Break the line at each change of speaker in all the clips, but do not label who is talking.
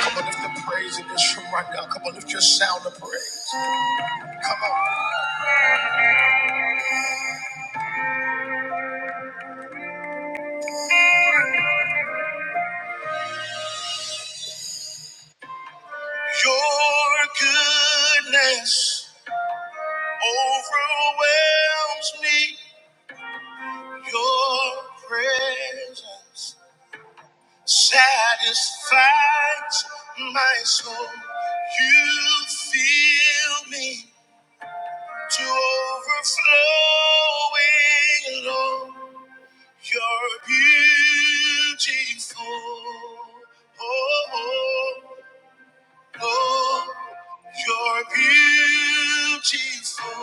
Come on, lift the praise in this room right now. Come on, lift your sound of praise. Come on. Your goodness overwhelms me. Your presence satisfies my soul. You fill me to overflowing, Lord. You're beautiful. Oh, oh. oh. Oh, you're beautiful.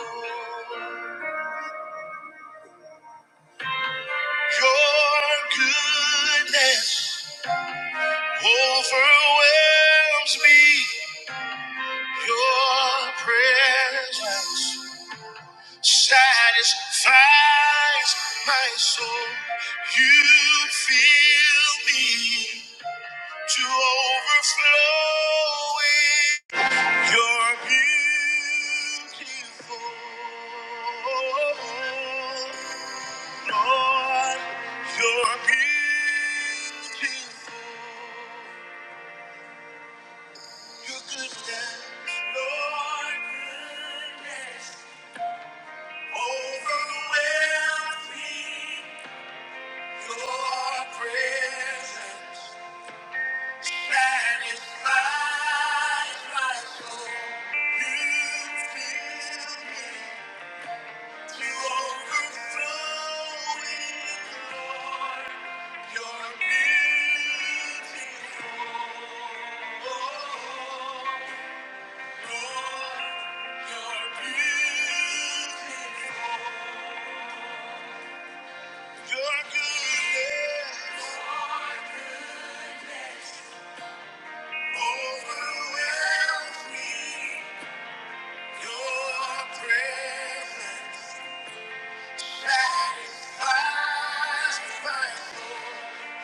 Your goodness overwhelms me. Your presence satisfies my soul. You fill me to overflowing. You're beautiful. Lord, you're beautiful. Your goodness, Lord, goodness overwhelms me. Your presence satisfies my soul. You fill me. Satisfies my soul.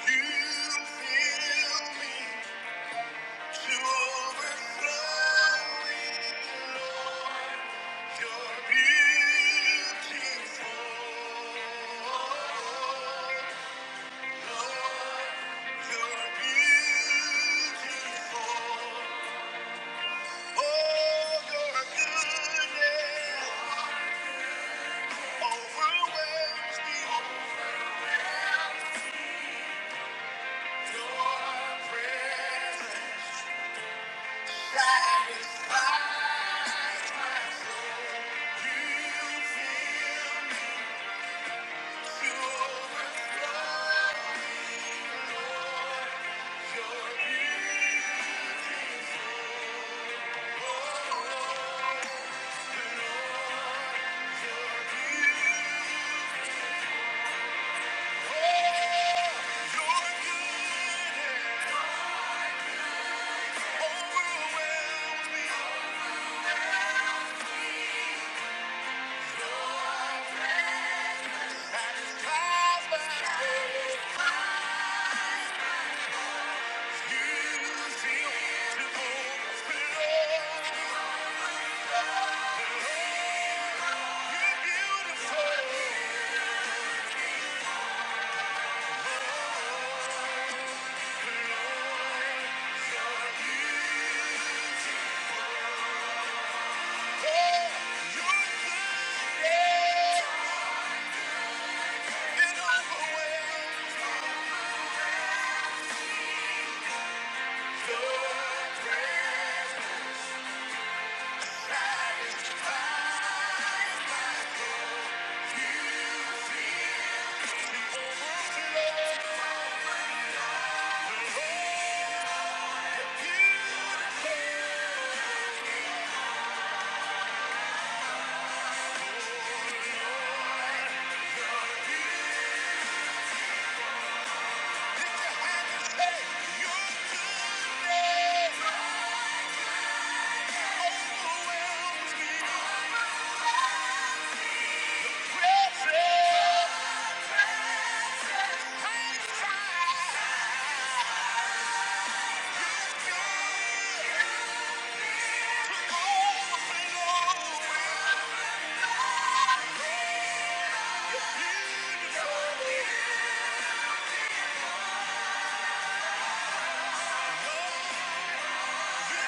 You fill me. Satisfies you feel you're beautiful. Oh, Yeah. Yeah. Can you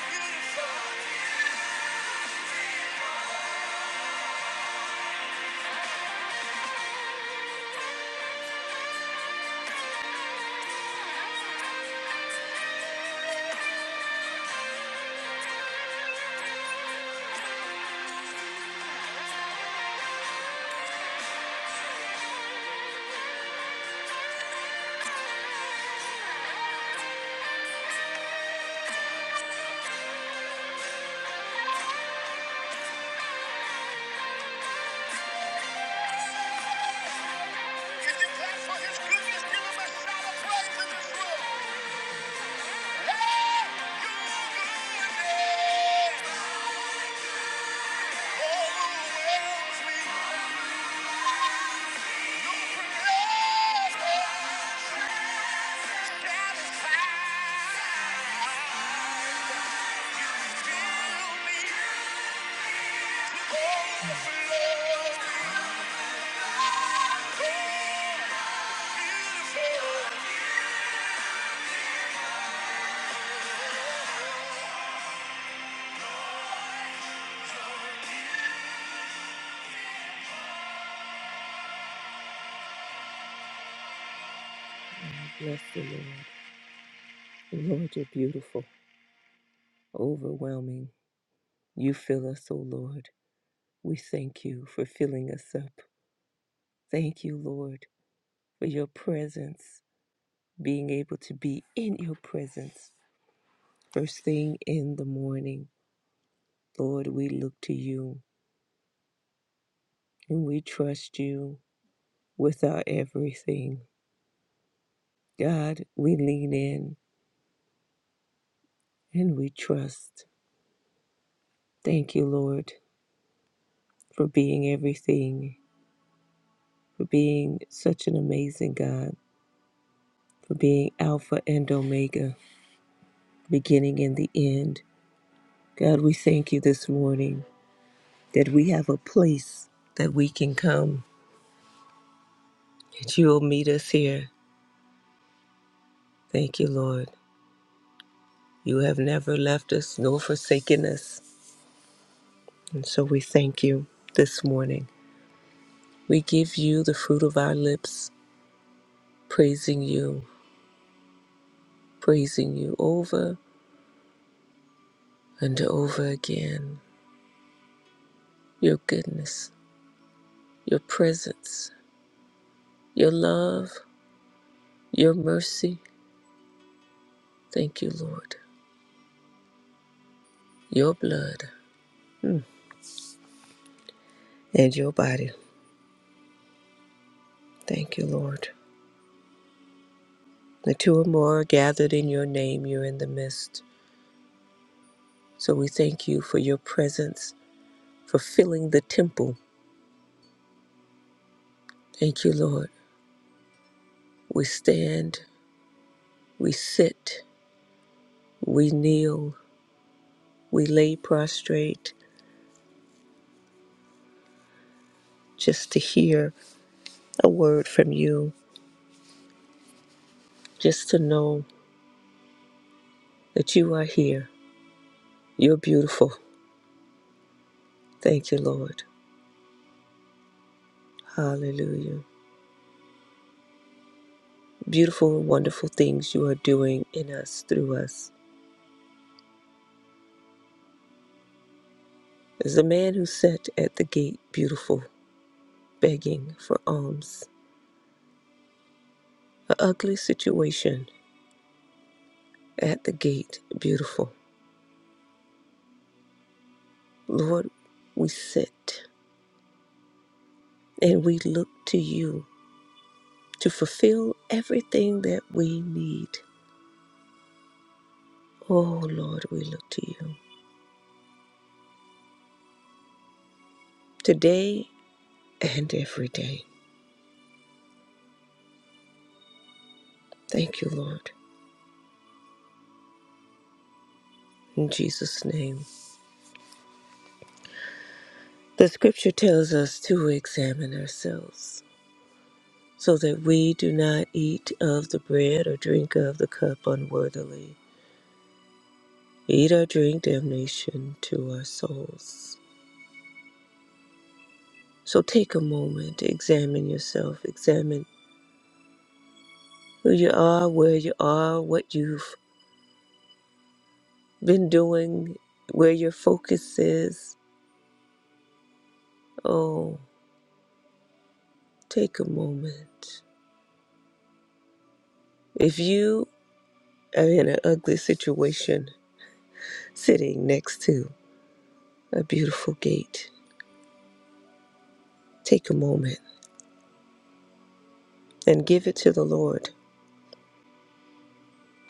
clap for his goodness? Give him a shout of praise in this room. Hey, your goodness overwhelms me. Your presence satisfies me. Overflows me. Beautiful. Bless the Lord. Lord, you're beautiful, overwhelming. You fill us, O Lord. We thank you for filling us up. Thank you, Lord. for your presence, being able to be in your presence. First thing in the morning, Lord, we look to you and we trust you with our everything. God, we lean in and we trust. Thank you, Lord, for being everything, for being such an amazing God, for being Alpha and Omega, beginning and the end. God, we thank you this morning that we have a place that we can come that you will meet us here. Thank you, Lord. You have never left us nor forsaken us. And so we thank you this morning. We give you the fruit of our lips, praising you, praising you over and over again. Your goodness, your presence, your love, your mercy. Thank you, Lord. Your blood and your body. Thank you, Lord. The two or more are gathered in your name, you're in the midst. So we thank you for your presence for filling the temple. Thank you, Lord. We stand, we sit, we kneel, we lay prostrate just to hear a word from you, just to know that you are here. You're beautiful. Thank you, Lord. Hallelujah. Beautiful and wonderful things you are doing in us, through us. There's a man who sat at the gate, beautiful, begging for alms. An ugly situation at the gate, beautiful. Lord, we sit and we look to you to fulfill everything that we need. Oh, Lord, we look to you today and every day. Thank you, Lord, in Jesus' name. The scripture tells us to examine ourselves so that we do not eat of the bread or drink of the cup unworthily. Eat or drink damnation to our souls. So take a moment, examine yourself, examine who you are, where you are, what you've been doing, where your focus is. Oh, take a moment. If you are in an ugly situation, sitting next to a beautiful gate, take a moment and give it to the Lord.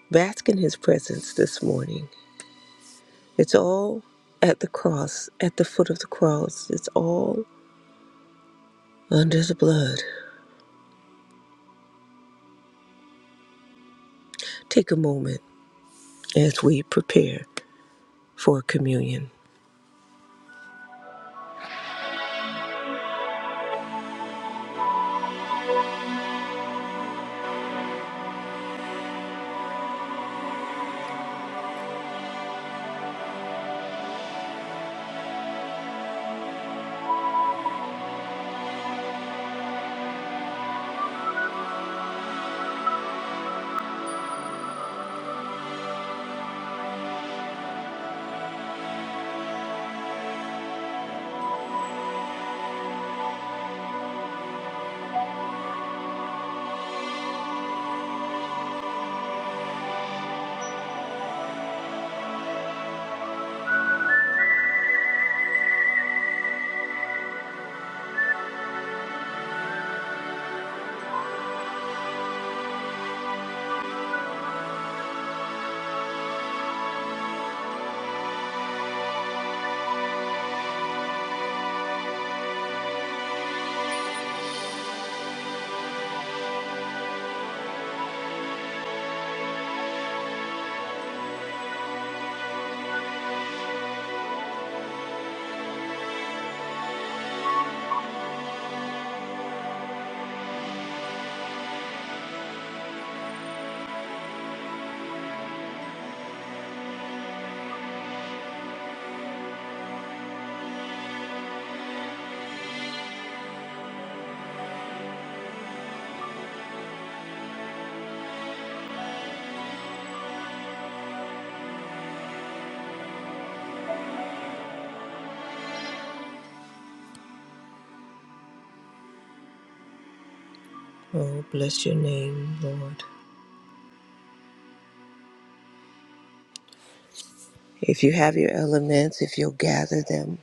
Bask in His presence this morning. It's all at the cross, at the foot of the cross. It's all under the blood. Take a moment as we prepare for communion. Oh, bless your name, Lord. If you have your elements, if you'll gather them,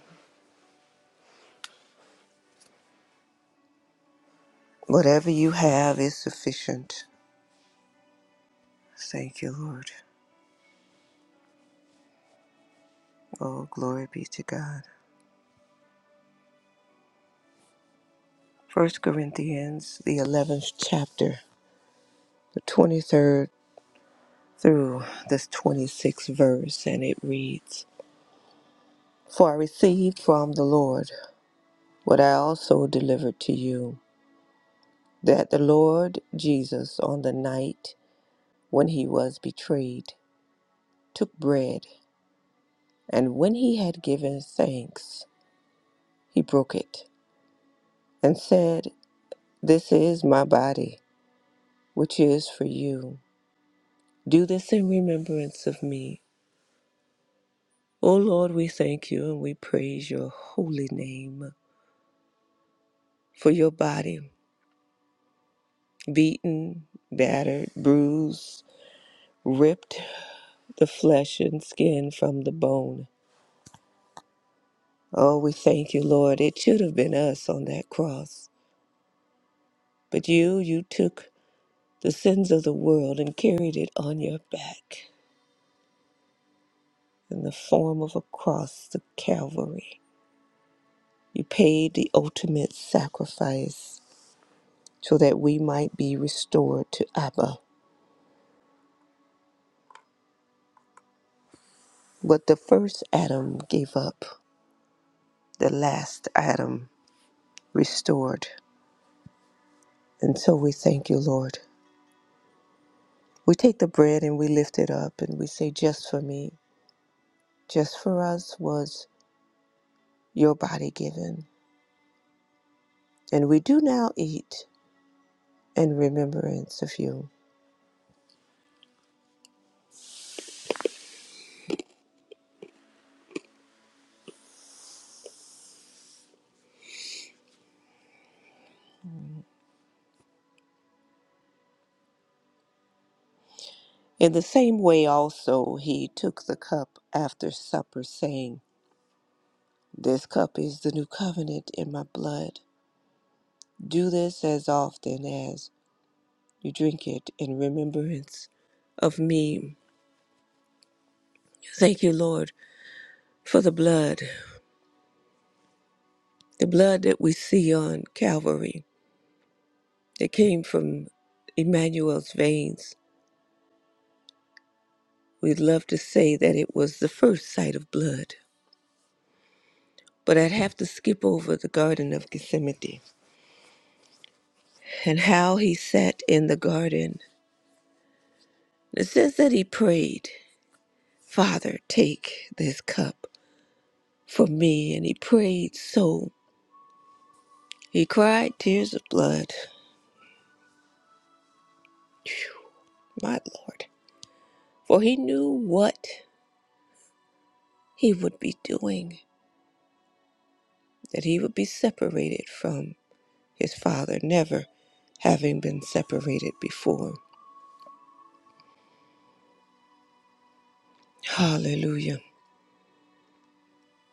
whatever you have is sufficient. Thank you, Lord. Oh, glory be to God. First Corinthians, the 11th chapter, the 23rd through the 26th verse, and it reads For I received from the Lord what I also delivered to you, that the Lord Jesus, on the night when he was betrayed, took bread. And when he had given thanks, he broke it and said, This is my body, which is for you. Do this in remembrance of me. O Lord, we thank you and we praise your holy name for your body, beaten, battered, bruised, ripped the flesh and skin from the bone. Oh, we thank you, Lord. It should have been us on that cross. But you, you took the sins of the world and carried it on your back. in the form of a cross, the Calvary. You paid the ultimate sacrifice so that we might be restored to Abba. What the first Adam gave up, the last Adam restored. And so we thank you, Lord. We take the bread and we lift it up and we say, Just for me, just for us was your body given. And we do now eat in remembrance of you. In the same way also he took the cup after supper, saying, This cup is the new covenant in my blood. Do this as often as you drink it in remembrance of me. Thank you, Lord, for the blood, the blood that we see on Calvary that came from Emmanuel's veins. We'd love to say that it was the first sight of blood, but I'd have to skip over the Garden of Gethsemane and how he sat in the garden It says that he prayed, Father, take this cup from me. And he prayed so he cried tears of blood. Phew, my Lord. For he knew what he would be doing, that he would be separated from his Father, never having been separated before. Hallelujah.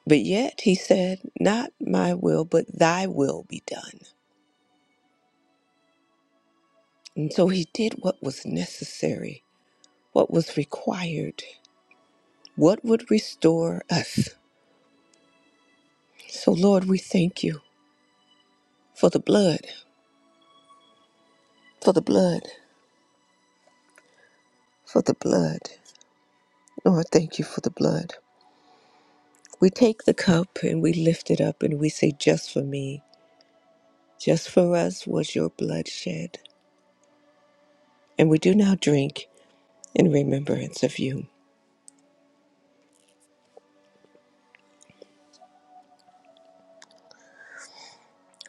But yet he said, Not my will, but thy will be done. And so he did what was necessary, what was required. what would restore us? So, Lord, we thank you for the blood, for the blood, for the blood. Lord, thank you for the blood. We take the cup and we lift it up and we say, Just for me, just for us was your blood shed. And we do now drink in remembrance of you.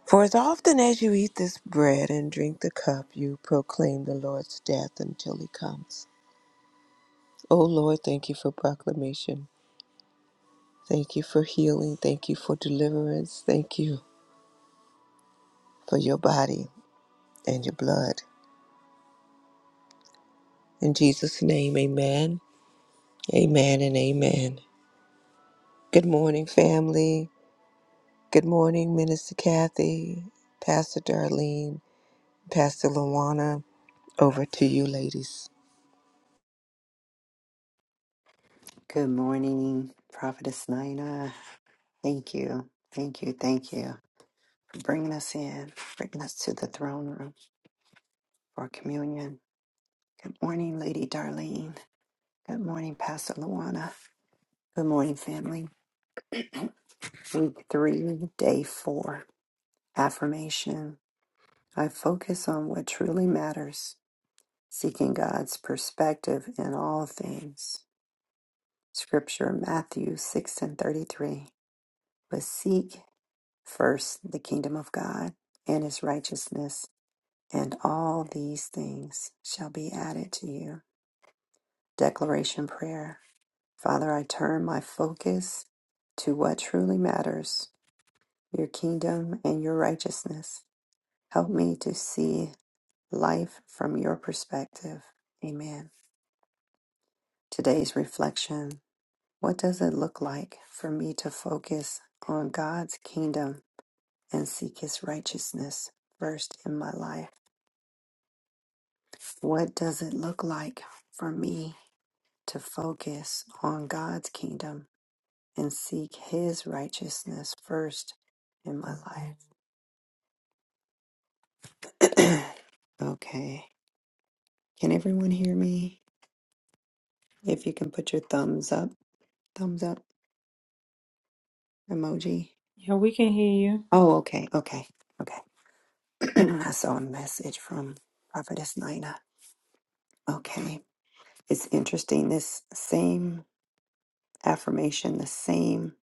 For as often as you eat this bread and drink the cup, you proclaim the Lord's death until he comes. O Lord, thank you for proclamation. Thank you for healing. Thank you for deliverance. Thank you for your body and your blood. In Jesus' name, amen. Amen and amen. Good morning, family. Good morning, Minister Kathy, Pastor Darlene, Pastor Luana. Over to you, ladies.
Good morning, Prophetess Nina. Thank you, thank you, thank you for bringing us in, bringing us to the throne room for communion. Good morning, Lady Darlene. Good morning, Pastor Luana. Good morning, family. Week three, day four. Affirmation I focus on what truly matters, seeking God's perspective in all things. Scripture Matthew 6 and 33. But seek First, the kingdom of God and his righteousness, and all these things shall be added to you. Declaration Prayer Father, I turn my focus to what truly matters your kingdom and your righteousness. Help me to see life from your perspective. Amen. Today's reflection What does it look like for me to focus on God's kingdom and seek his righteousness first in my life? What does it look like for me to focus on God's kingdom and seek His righteousness first in my life? okay. Can everyone hear me? If you can put your thumbs up, thumbs up emoji.
Yeah, we can hear you.
Oh, okay. Okay. Okay. I saw a message from Prophetess Nina. Okay. It's interesting. This same affirmation, the same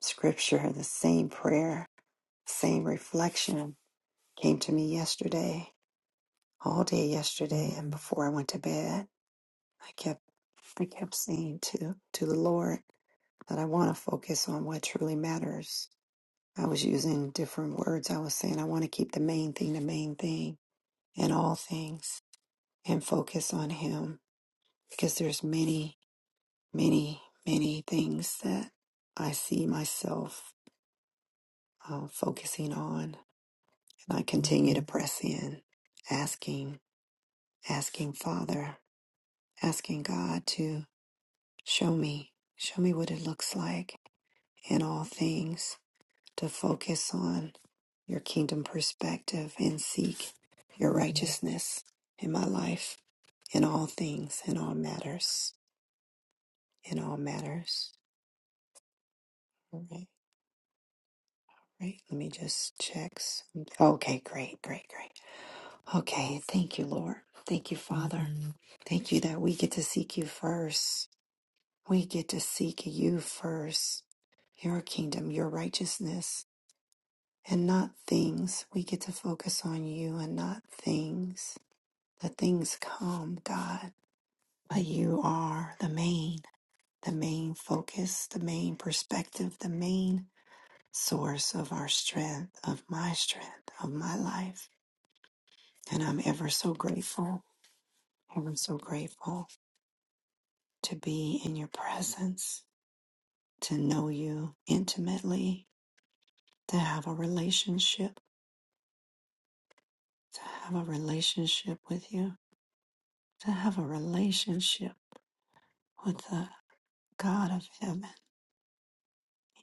scripture, the same prayer, same reflection came to me yesterday, all day yesterday, and before I went to bed, I kept I kept saying to to the Lord that I want to focus on what truly matters. I was using different words. I was saying I want to keep the main thing the main thing in all things and focus on Him because there's many, many, many things that I see myself uh, focusing on, and I continue to press in, asking, asking Father. asking God to show me, show me what it looks like in all things, to focus on your kingdom perspective and seek your righteousness in my life, in all things, in all matters, in all matters. All right, right. Let me just check. some- Okay, great, great, great. Okay, thank you, Lord. Thank you, Father. Thank you that we get to seek you first. We get to seek you first, your kingdom, your righteousness, and not things. We get to focus on you and not things. The things come, God, but you are the main, the main focus, the main perspective, the main source of our strength, of my strength, of my life. And I'm ever so grateful, ever so grateful to be in your presence, to know you intimately, to have a relationship, to have a relationship with you, to have a relationship with the God of heaven.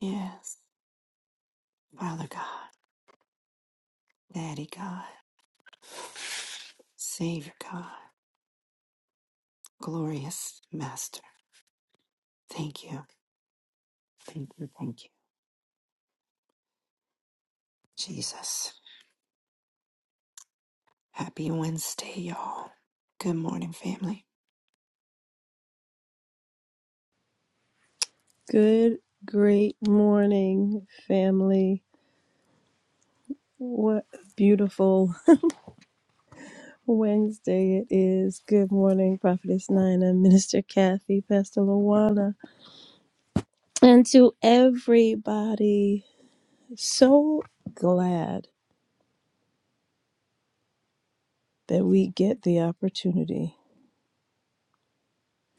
Yes, Father God, Daddy God, Savior God, glorious Master. Thank you, thank you, thank you, Jesus. Happy Wednesday, y'all. Good morning, family.
Good, great morning, family. What a beautiful Wednesday it is. Good morning, Prophetess Nina, Minister Kathy, Pastor Luana, and to everybody. So glad that we get the opportunity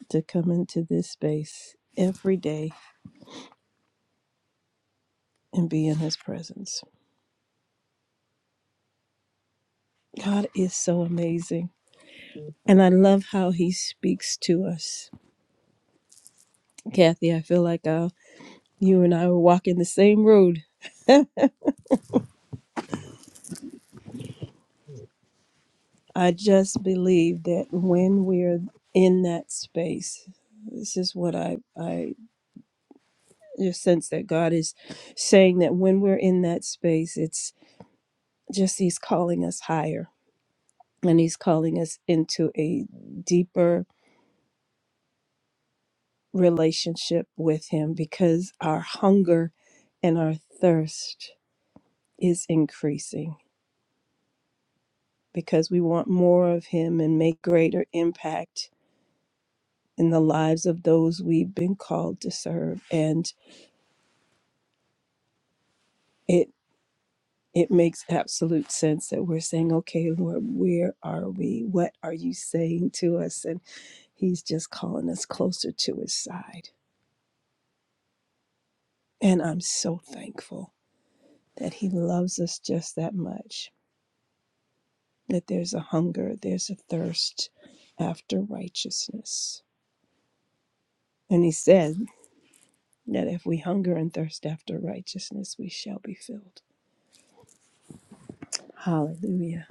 to come into this space every day and be in His presence. God is so amazing. And I love how He speaks to us. Kathy, I feel like uh, you and I were walking the same road. I just believe that when we're in that space, this is what I I just sense that God is saying that when we're in that space, it's just He's calling us higher and He's calling us into a deeper relationship with Him because our hunger and our thirst is increasing because we want more of Him and make greater impact in the lives of those we've been called to serve and it it makes absolute sense that we're saying okay lord where are we what are you saying to us and he's just calling us closer to his side and i'm so thankful that he loves us just that much that there's a hunger there's a thirst after righteousness and he said that if we hunger and thirst after righteousness we shall be filled hallelujah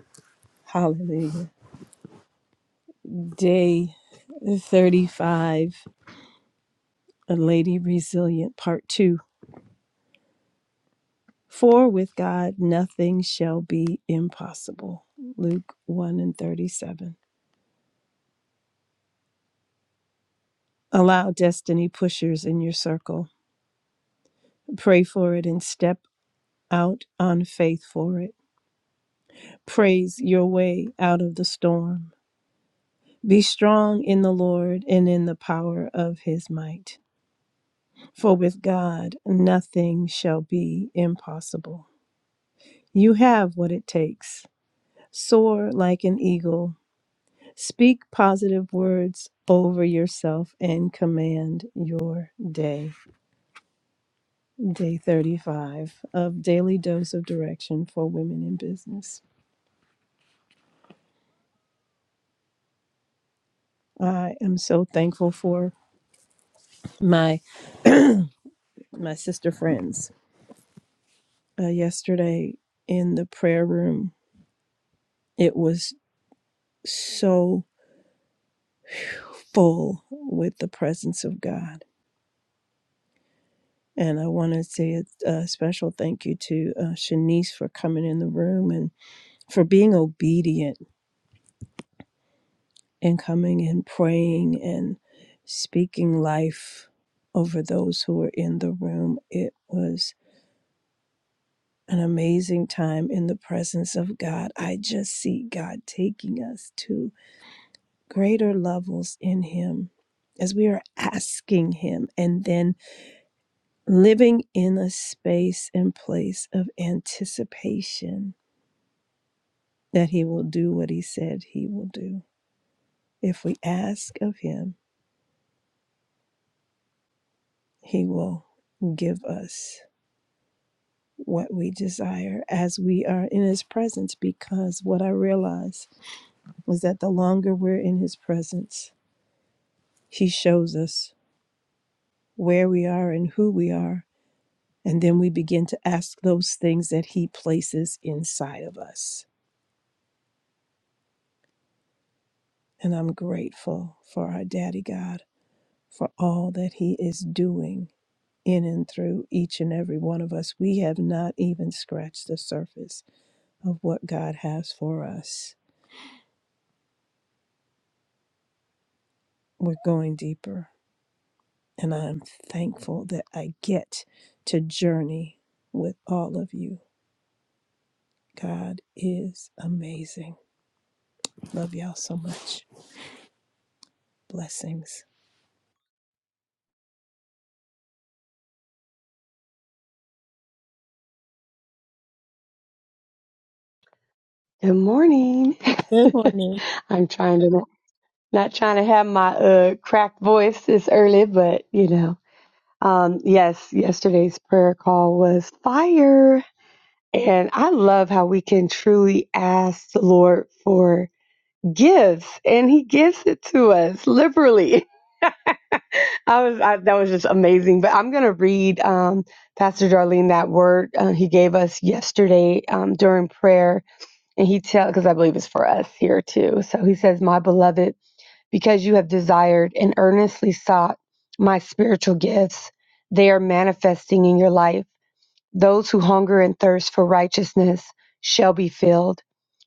hallelujah Day 35, A Lady Resilient, Part 2. For with God nothing shall be impossible. Luke 1 and 37. Allow destiny pushers in your circle. Pray for it and step out on faith for it. Praise your way out of the storm. Be strong in the Lord and in the power of his might. For with God nothing shall be impossible. You have what it takes. Soar like an eagle. Speak positive words over yourself and command your day. Day 35 of Daily Dose of Direction for Women in Business. I am so thankful for my my sister friends. Uh, yesterday in the prayer room, it was so full with the presence of God. And I want to say a, a special thank you to uh, Shanice for coming in the room and. for being obedient and coming and praying and speaking life over those who were in the room. It was an amazing time in the presence of God. I just see God taking us to greater levels in Him as we are asking Him and then living in a space and place of anticipation that He will do what He said He will do. If we ask of Him, He will give us what we desire as we are in His presence. Because what I realize is that the longer we're in His presence, He shows us where we are and who we are. And then we begin to ask those things that He places inside of us. And I'm grateful for our Daddy God for all that He is doing in and through each and every one of us. We have not even scratched the surface of what God has for us. We're going deeper, and I'm thankful that I get to journey with all of you. God is amazing. Love y'all so much. Blessings.
Good morning.
Good morning.
I'm trying to not, not trying to have my uh cracked voice this early, but you know. Um yes, yesterday's prayer call was fire. And I love how we can truly ask the Lord for gifts and he gives it to us liberally. I was I, that was just amazing, but I'm going to read um Pastor Darlene that word uh, he gave us yesterday um during prayer And he tells, because I believe it's for us here too. So he says, My beloved, because you have desired and earnestly sought my spiritual gifts, they are manifesting in your life. Those who hunger and thirst for righteousness shall be filled.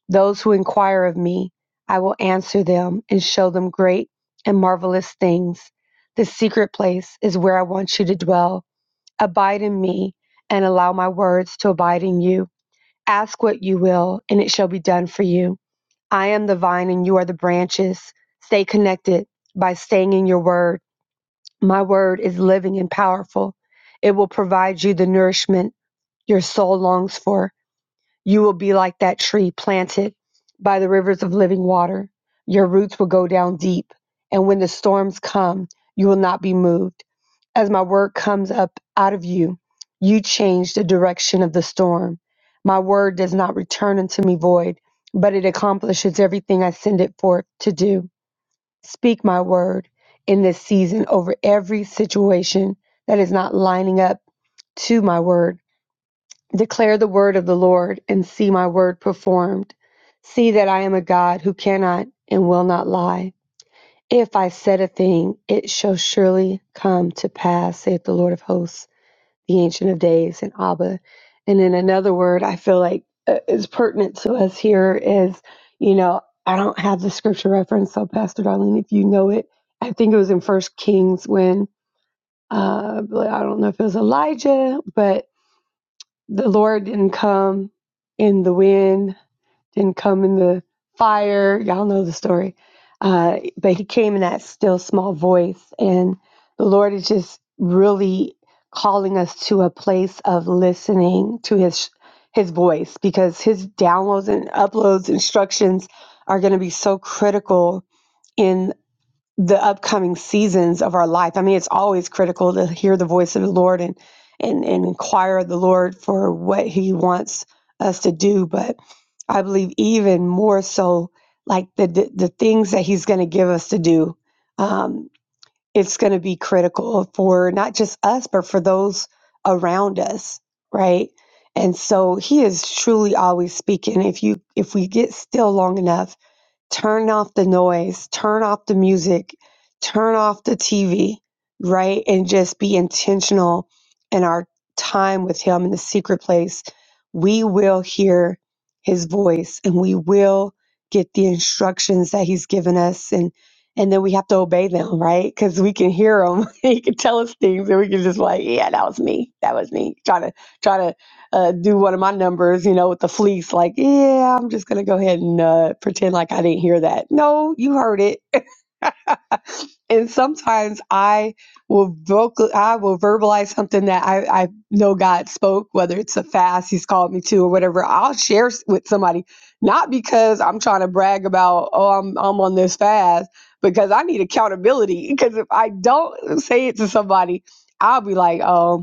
Those who inquire of me, I will answer them and show them great and marvelous things. The secret place is where I want you to dwell. Abide in me and allow my words to abide in you. Ask what you will, and it shall be done for you. I am the vine and you are the branches. Stay connected by staying in your word. My word is living and powerful. It will provide you the nourishment your soul longs for. You will be like that tree planted by the rivers of living water. Your roots will go down deep, and when the storms come, you will not be moved. As my word comes up out of you, you change the direction of the storm. My word does not return unto me void, but it accomplishes everything I send it forth to do. Speak my word in this season over every situation that is not lining up to my word Declare the word of the Lord and see my word performed. See that I am a God who cannot and will not lie. If I said a thing, it shall surely come to pass, saith the Lord of hosts, the Ancient of Days, and Abba. And in another word, I feel like uh, is pertinent to us here is, you know, I don't have the scripture reference, so Pastor Darlene, if you know it, I think it was in First Kings when uh, I don't know if it was Elijah, but the Lord didn't come in the wind, didn't come in the fire. Y'all know the story. Uh, but he came in that still small voice. And the Lord is just really calling us to a place of listening to his his voice because his downloads and uploads instructions are going to be so critical in the upcoming seasons of our life. I mean, it's always critical to hear the voice of the Lord and and and inquire of the Lord for what He wants us to do. But I believe even more so, like the the, the things that He's going to give us to do, um, it's going to be critical for not just us, but for those around us, right? And so He is truly always speaking. If you if we get still long enough turn off the noise, turn off the music, turn off the TV, right? And just be intentional in our time with Him in the secret place. We will hear His voice and we will get the instructions that He's given us. And and then we have to obey them, right? Because we can hear him. he can tell us things, and we can just like, yeah, that was me. That was me. Trying to, trying to uh, do one of my numbers, you know, with the fleece, like, yeah, I'm just going to go ahead and uh, pretend like I didn't hear that. No, you heard it. And sometimes I will vocal, I will verbalize something that I, I know God spoke, whether it's a fast He's called me to or whatever. I'll share s- with somebody, not because I'm trying to brag about, oh, I'm I'm on this fast, because I need accountability. Because if I don't say it to somebody, I'll be like, oh.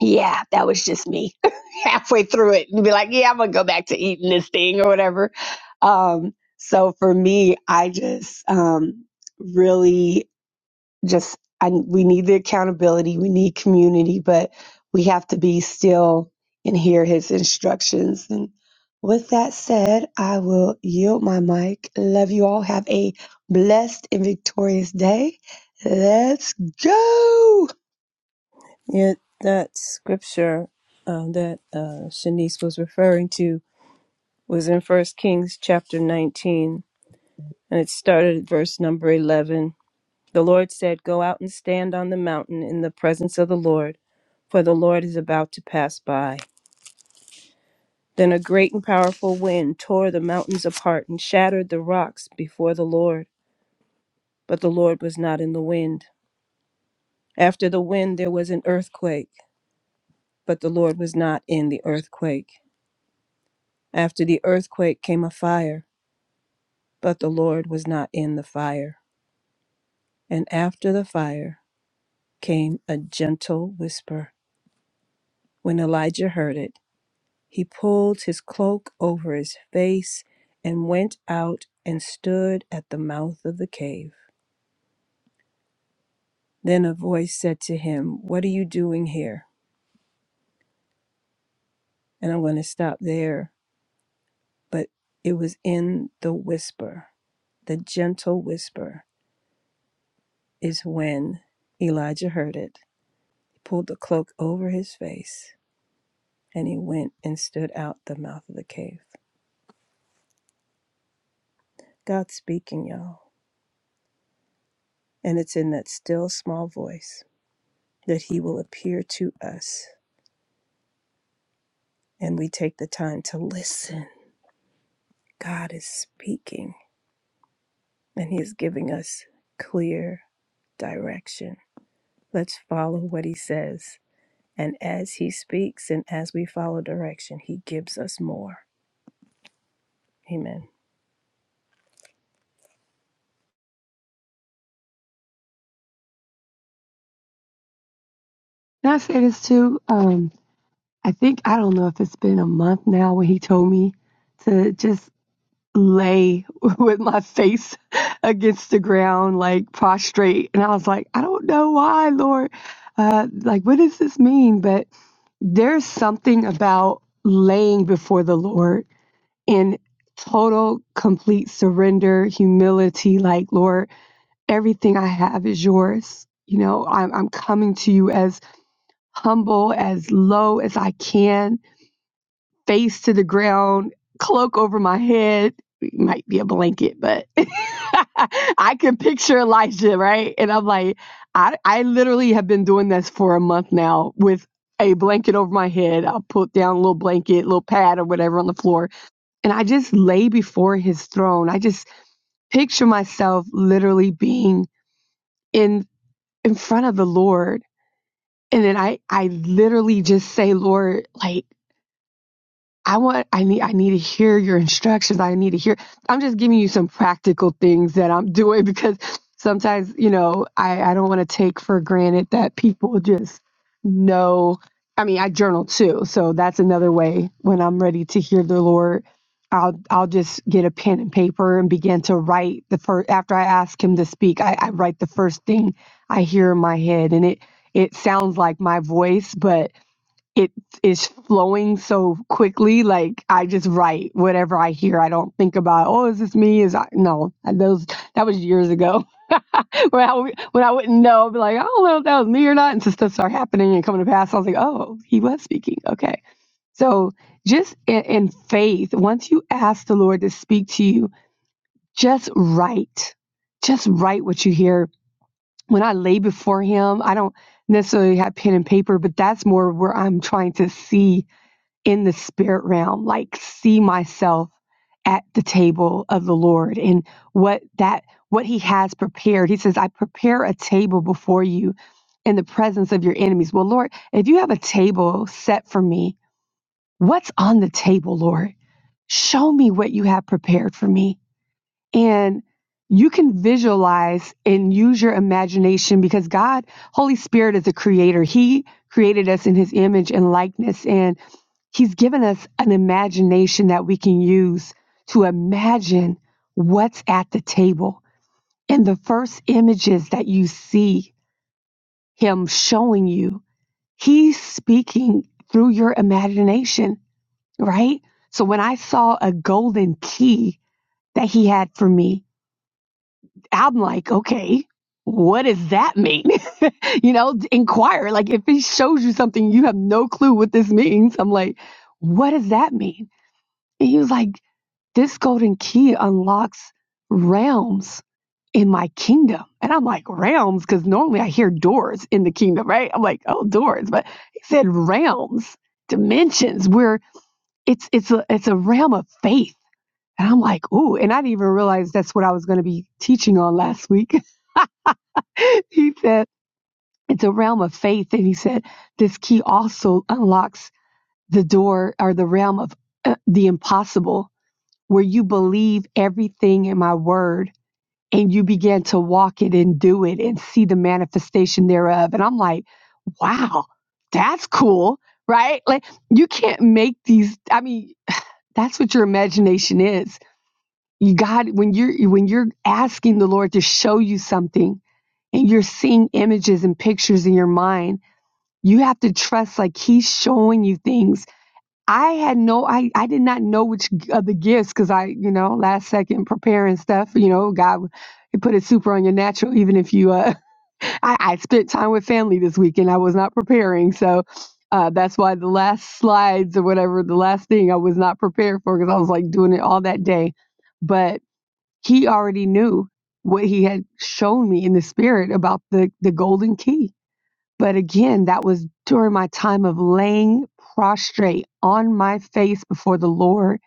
Yeah, that was just me halfway through it and be like, yeah, I'm gonna go back to eating this thing or whatever. Um, so for me, I just um, really just I, we need the accountability, we need community, but we have to be still and hear his instructions. And with that said, I will yield my mic. Love you all. Have a blessed and victorious day. Let's go.
Yeah, that scripture um, that uh, Shanice was referring to was in First Kings chapter 19, and it started at verse number 11. The Lord said, Go out and stand on the mountain in the presence of the Lord, for the Lord is about to pass by. Then a great and powerful wind tore the mountains apart and shattered the rocks before the Lord. But the Lord was not in the wind. After the wind, there was an earthquake, but the Lord was not in the earthquake. After the earthquake came a fire, but the Lord was not in the fire. And after the fire came a gentle whisper. When Elijah heard it, he pulled his cloak over his face and went out and stood at the mouth of the cave. Then a voice said to him, What are you doing here? And I'm going to stop there. But it was in the whisper. The gentle whisper is when Elijah heard it. He pulled the cloak over his face and he went and stood out the mouth of the cave. God's speaking, y'all. And it's in that still small voice that he will appear to us. And we take the time to listen. God is speaking. and He is giving us clear direction. Let's follow what He says. And as He speaks and as we follow direction, He gives us more. Amen.
Can I say this too? Um, I think I don't know if it's been a month now when he told me to just lay with my face against the ground, like prostrate. And I was like, I don't know why, Lord. Uh, like, what does this mean? But there's something about laying before the Lord in total, complete surrender, humility. Like, Lord, everything I have is yours. You know, I'm, I'm coming to you as humble, as low as I can face to the ground, cloak over my head. It might be a blanket, but I can picture Elijah, right? And I'm like, I, I literally have been doing this for a month now with a blanket over my head. I'll put down a little blanket, little pad or whatever on the floor. And I just lay before his throne. I just picture myself literally being in in front of the Lord. And then I, I literally just say, Lord, like, I want I need I need to hear your instructions. I need to hear I'm just giving you some practical things that I'm doing because sometimes, you know, I, I don't want to take for granted that people just know I mean I journal too, so that's another way when I'm ready to hear the Lord. I'll I'll just get a pen and paper and begin to write the first after I ask him to speak, I, I write the first thing I hear in my head and it it sounds like my voice, but it is flowing so quickly. Like I just write whatever I hear. I don't think about, oh, is this me? Is I no those that was years ago when I w- when I wouldn't know. I'd be like, I don't know if that was me or not. And so stuff started happening and coming to pass. I was like, oh, he was speaking. Okay, so just in, in faith, once you ask the Lord to speak to you, just write, just write what you hear. When I lay before Him, I don't necessarily have pen and paper, but that's more where I'm trying to see in the spirit realm, like see myself at the table of the Lord and what that what he has prepared. He says, I prepare a table before you in the presence of your enemies. Well, Lord, if you have a table set for me, what's on the table, Lord? Show me what you have prepared for me. And you can visualize and use your imagination because God, Holy Spirit is a creator. He created us in his image and likeness. And He's given us an imagination that we can use to imagine what's at the table. And the first images that you see him showing you, he's speaking through your imagination, right? So when I saw a golden key that he had for me, I'm like, okay, what does that mean? you know, inquire. Like if he shows you something, you have no clue what this means. I'm like, what does that mean? And he was like, This golden key unlocks realms in my kingdom. And I'm like, realms? Because normally I hear doors in the kingdom, right? I'm like, oh, doors. But he said realms, dimensions, where it's it's a it's a realm of faith. And I'm like, ooh, and I didn't even realize that's what I was going to be teaching on last week. he said, it's a realm of faith. And he said, this key also unlocks the door or the realm of uh, the impossible, where you believe everything in my word and you began to walk it and do it and see the manifestation thereof. And I'm like, wow, that's cool, right? Like you can't make these. I mean, that's what your imagination is. You God, when you're when you're asking the Lord to show you something and you're seeing images and pictures in your mind, you have to trust like He's showing you things I had no, I, I did not know which g- of the gifts because I, you know, last second preparing stuff, you know, God it put it super on your natural, even if you, uh, I, I spent time with family this weekend. I was not preparing. So uh, that's why the last slides or whatever, the last thing I was not prepared for because I was like doing it all that day. But he already knew what he had shown me in the spirit about the, the golden key but again, that was during my time of laying prostrate on my face before the Lord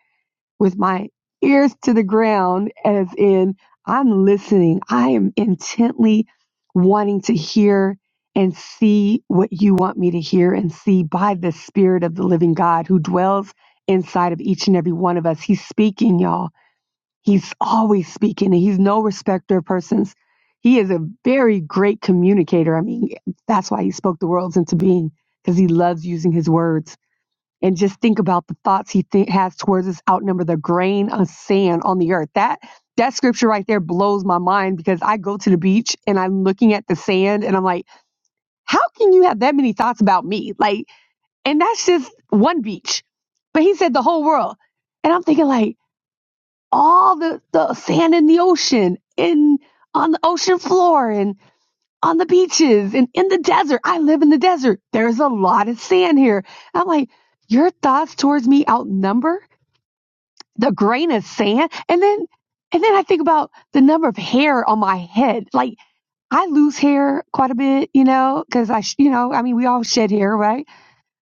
with my ears to the ground, as in, I'm listening. I am intently wanting to hear and see what you want me to hear and see by the Spirit of the living God who dwells inside of each and every one of us. He's speaking, y'all. He's always speaking and he's no respecter of persons. He is a very great communicator. I mean, that's why he spoke the worlds into being because he loves using his words. And just think about the thoughts he th- has towards us outnumber the grain of sand on the earth. That that scripture right there blows my mind because I go to the beach and I'm looking at the sand and I'm like, how can you have that many thoughts about me? Like, and that's just one beach. But he said the whole world. And I'm thinking like, all the, the sand in the ocean in on the ocean floor and on the beaches and in the desert. I live in the desert. There's a lot of sand here. And I'm like, your thoughts towards me outnumber the grain of sand. And then, and then I think about the number of hair on my head. Like I lose hair quite a bit, you know, cause I, sh- you know, I mean, we all shed hair, right?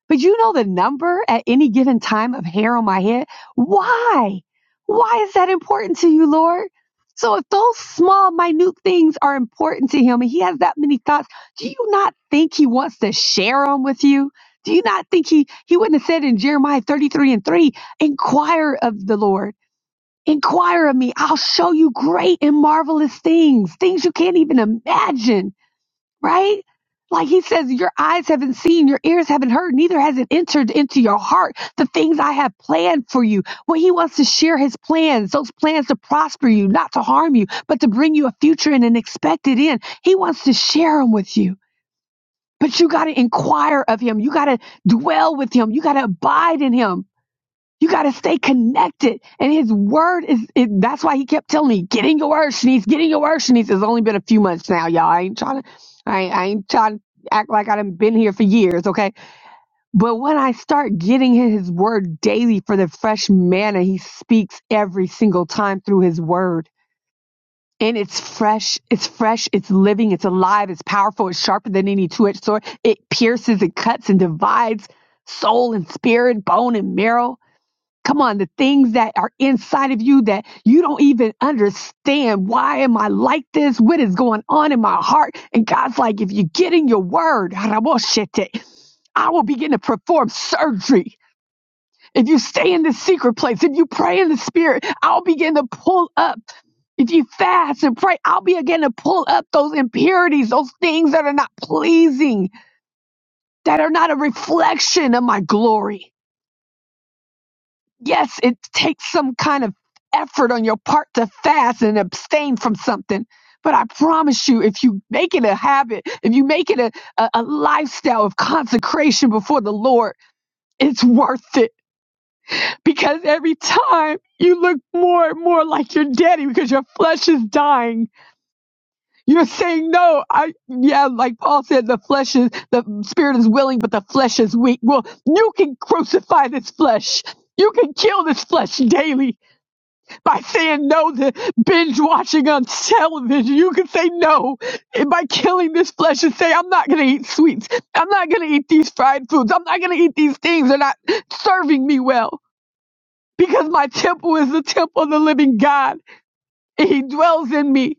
But you know the number at any given time of hair on my head? Why? Why is that important to you, Lord? So if those small, minute things are important to him and he has that many thoughts, do you not think he wants to share them with you? Do you not think he, he wouldn't have said in Jeremiah 33 and 3, inquire of the Lord, inquire of me. I'll show you great and marvelous things, things you can't even imagine right? Like he says, your eyes haven't seen, your ears haven't heard, neither has it entered into your heart the things I have planned for you. Well, he wants to share his plans, those plans to prosper you, not to harm you, but to bring you a future and an expected end. He wants to share them with you, but you got to inquire of him. You got to dwell with him. You got to abide in him you got to stay connected. And his word is, is, that's why he kept telling me, get in your word, Shanice, get in your word, Shanice. It's only been a few months now, y'all. I ain't trying to, I, ain't- I ain't trying to act like I done been here for years, okay? But when I start getting in his word daily for the fresh manna he speaks every single time through his word, and it's fresh, it's fresh, it's living, it's alive, it's powerful, it's sharper than any two-edged sword. It pierces, it cuts and divides soul and spirit, bone and marrow Come on, the things that are inside of you that you don't even understand. Why am I like this? What is going on in my heart? And God's like, if you get in your word, I will begin to perform surgery. If you stay in the secret place, if you pray in the spirit, I'll begin to pull up. If you fast and pray, I'll begin to pull up those impurities, those things that are not pleasing, that are not a reflection of my glory. Yes, it takes some kind of effort on your part to fast and abstain from something. But I promise you, if you make it a habit, if you make it a, a, a lifestyle of consecration before the Lord, it's worth it. Because every time you look more and more like your daddy because your flesh is dying. You're saying, no, I, yeah, like Paul said, the flesh is, the spirit is willing, but the flesh is weak. Well, you can crucify this flesh. You can kill this flesh daily by saying no to binge watching on television. You can say no and by killing this flesh and say, I'm not going to eat sweets. I'm not going to eat these fried foods. I'm not going to eat these things. They're not serving me well because my temple is the temple of the living God and he dwells in me.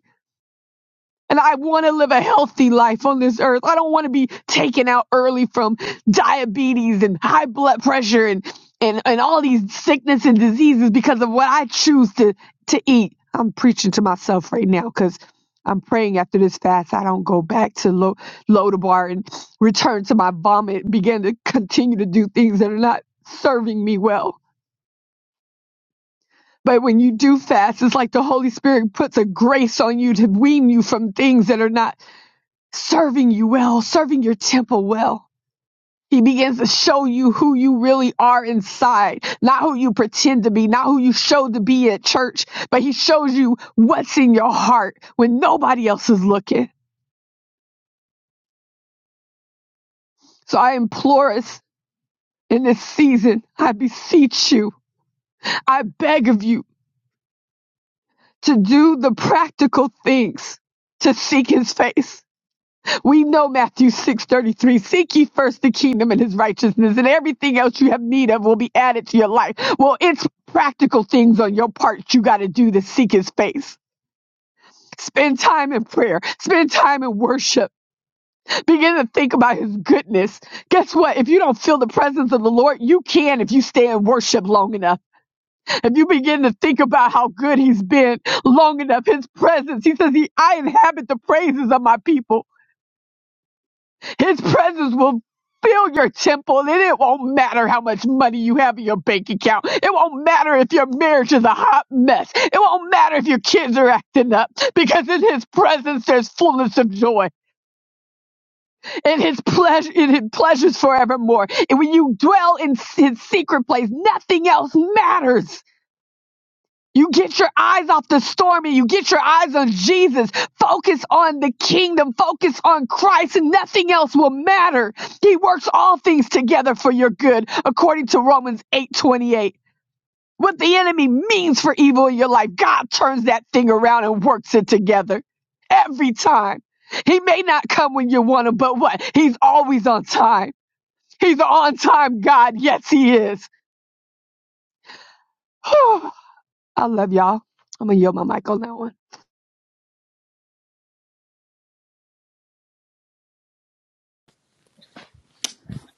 And I want to live a healthy life on this earth. I don't want to be taken out early from diabetes and high blood pressure and, and, and all these sickness and diseases because of what I choose to, to eat. I'm preaching to myself right now because I'm praying after this fast, I don't go back to Lo- Lodabar and return to my vomit, begin to continue to do things that are not serving me well. But when you do fast, it's like the Holy Spirit puts a grace on you to wean you from things that are not serving you well, serving your temple well. He begins to show you who you really are inside, not who you pretend to be, not who you show to be at church, but he shows you what's in your heart when nobody else is looking. So I implore us in this season, I beseech you, I beg of you to do the practical things to seek his face. We know Matthew 6:33, seek ye first the kingdom and his righteousness and everything else you have need of will be added to your life. Well, it's practical things on your part you got to do to seek his face. Spend time in prayer. Spend time in worship. Begin to think about his goodness. Guess what? If you don't feel the presence of the Lord, you can if you stay in worship long enough. If you begin to think about how good he's been long enough, his presence, he says, he, I inhabit the praises of my people. His presence will fill your temple, and it won't matter how much money you have in your bank account. It won't matter if your marriage is a hot mess. It won't matter if your kids are acting up, because in His presence there's fullness of joy, and His pleasure, in His pleasures forevermore. And when you dwell in His secret place, nothing else matters. You get your eyes off the storm and you get your eyes on Jesus. Focus on the kingdom. Focus on Christ and nothing else will matter. He works all things together for your good, according to Romans 8:28. What the enemy means for evil in your life, God turns that thing around and works it together every time. He may not come when you want him, but what? He's always on time. He's on time, God. Yes, he is. I love y'all. I'm going to yield my mic on that one.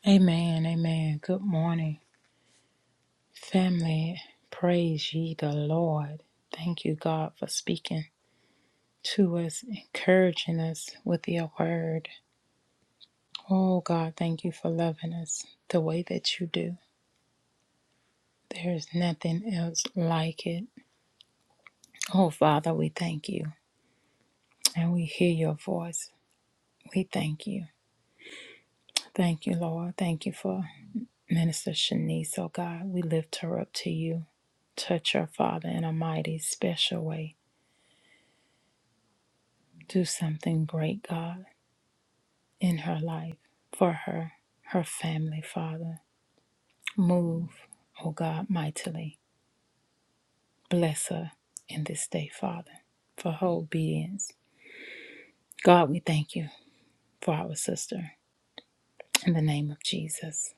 Amen. Amen. Good morning, family. Praise ye the Lord. Thank you, God, for speaking to us, encouraging us with your word. Oh, God, thank you for loving us the way that you do. There is nothing else like it. Oh, Father, we thank you and we hear your voice. We thank you. Thank you, Lord. Thank you for Minister Shanice, oh God. We lift her up to you. Touch her, Father, in a mighty, special way. Do something great, God, in her life, for her, her family, Father. Move, O God, mightily. Bless her in this day, Father, for her obedience. God, we thank you for our sister. In the name of Jesus.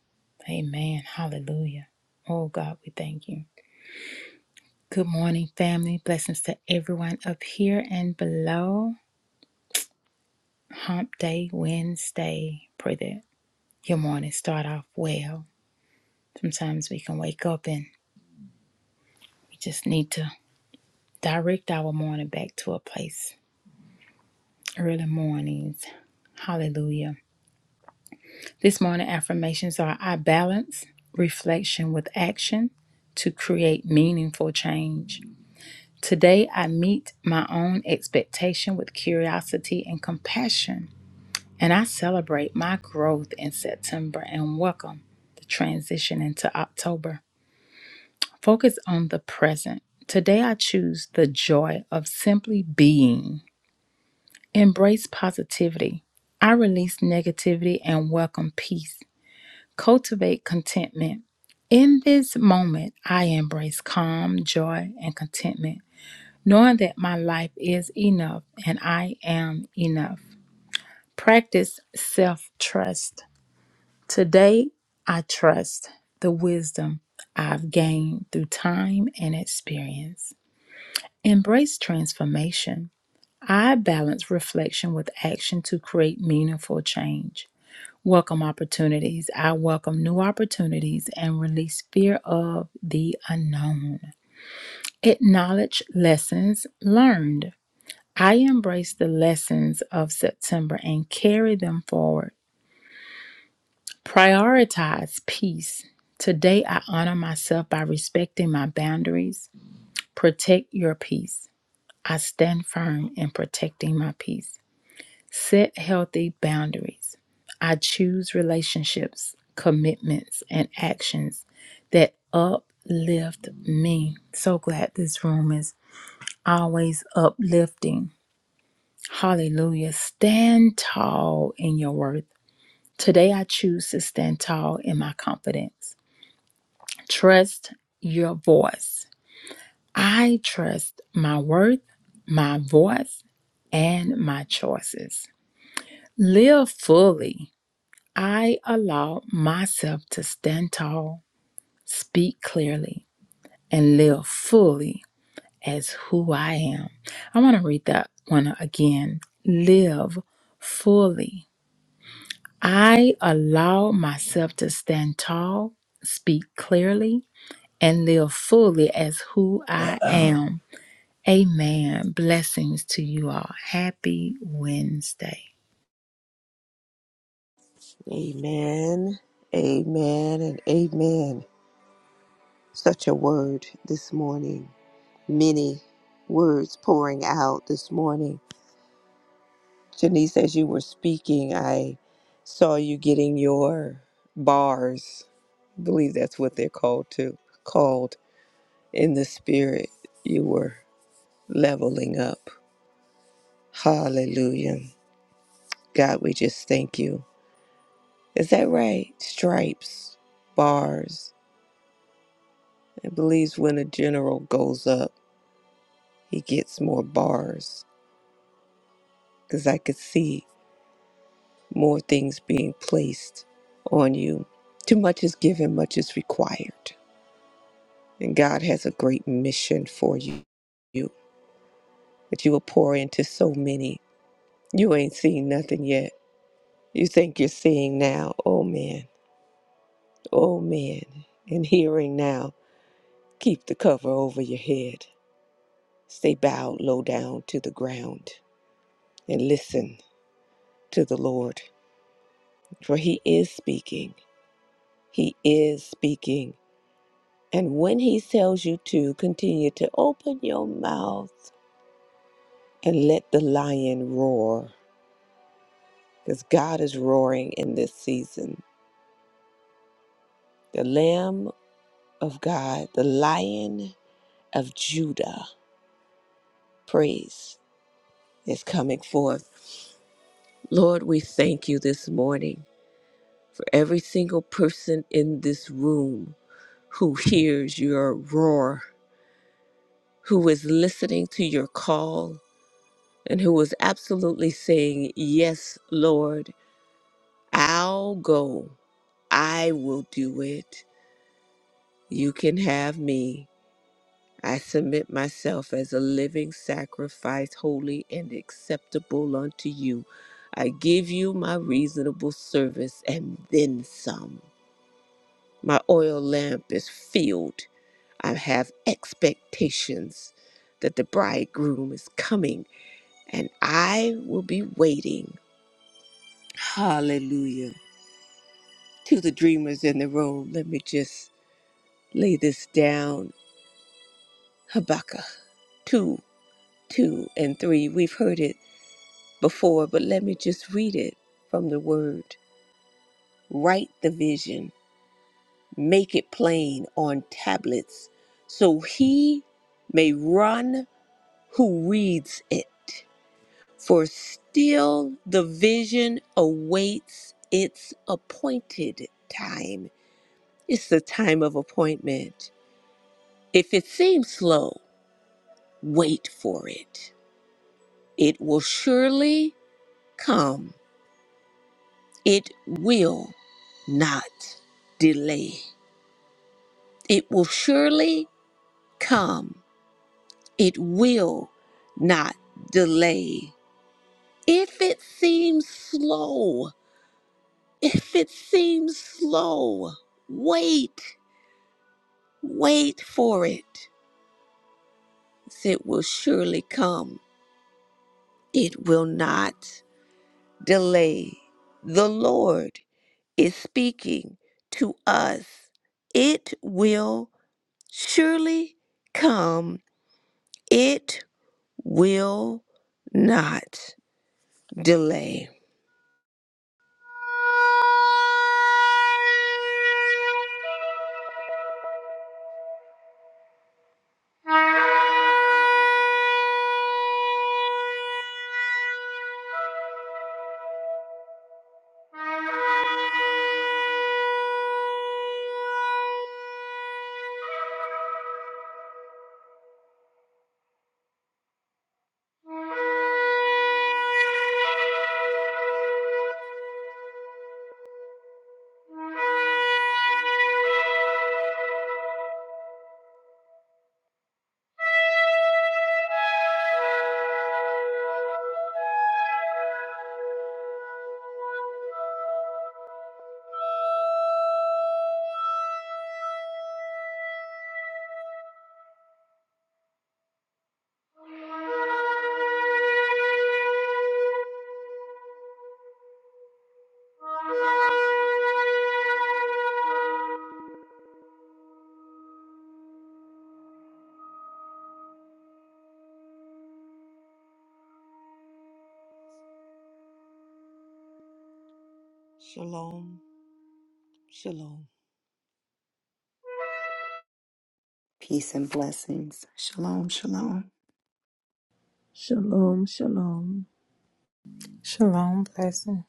Amen. Hallelujah. Oh God, we thank you. Good morning, family. Blessings to everyone up here and below. Hump Day Wednesday. Pray that your morning start off well. Sometimes we can wake up and We just need to direct our morning back to a place. Early mornings. Hallelujah. This morning affirmations are I balance reflection with action to create meaningful change. Today I meet my own expectation with curiosity and compassion. And I celebrate my growth in September and welcome the transition into October. Focus on the present. Today I choose the joy of simply being. Embrace positivity. I release negativity and welcome peace. Cultivate contentment. In this moment, I embrace calm, joy, and contentment, knowing that my life is enough and I am enough. Practice self trust. Today, I trust the wisdom I've gained through time and experience. Embrace transformation. I balance reflection with action to create meaningful change. Welcome opportunities. I welcome new opportunities and release fear of the unknown. Acknowledge lessons learned. I embrace the lessons of September and carry them forward. Prioritize peace. Today, I honor myself by respecting my boundaries. Protect your peace. I stand firm in protecting my peace. Set healthy boundaries. I choose relationships, commitments, and actions that uplift me. So glad this room is always uplifting. Hallelujah. Stand tall in your worth. Today I choose to stand tall in my confidence. Trust your voice. I trust my worth, my voice, and my choices. Live fully. I allow myself to stand tall, speak clearly, and live fully as who I am. I want to read that one again. Live fully. I allow myself to stand tall, speak clearly, and live fully as who I am. Amen. Blessings to you all. Happy Wednesday.
Amen, amen, and amen. Such a word this morning. Many words pouring out this morning Janice, as you were speaking, I saw you getting your bars. I believe that's what they're called to. Called in the spirit, you were leveling up. Hallelujah. God, we just thank you. Is that right? Stripes, bars. I believe when a general goes up, he gets more bars. Because I could see more things being placed on you. Too much is given, much is required. And God has a great mission for you, you that you will pour into so many. You ain't seen nothing yet. You think you're seeing now. Oh, man. Oh, man. And hearing now. Keep the cover over your head. Stay bowed low down to the ground and listen to the Lord, for He is speaking. He is speaking. And when He tells you to, continue to open your mouth and let the lion roar because God is roaring in this season. The Lamb of God, the Lion of Judah, praise is coming forth. Lord, we thank you this morning for every single person in this room who hears your roar, who is listening to your call, and who is absolutely saying, Yes, Lord, I'll go. I will do it. You can have me. I submit myself as a living sacrifice, holy and acceptable unto you. I give you my reasonable service and then some. My oil lamp is filled. I have expectations that the bridegroom is coming and I will be waiting. Hallelujah. To the dreamers in the room, let me just lay this down. Habakkuk 2, 2, and 3. We've heard it before, but let me just read it from the word. Write the vision, make it plain on tablets, so he may run who reads it. For still the vision awaits its appointed time. It's the time of appointment. If it seems slow, wait for it. It will surely come. It will not delay. It will surely come. It will not delay. If it seems slow, if it seems slow, wait, wait for it. It will surely come. It will not delay. The Lord is speaking to us. It will surely come. It will not. delay. Shalom, shalom.
Peace and blessings. Shalom, shalom.
Shalom, shalom.
Shalom, blessings.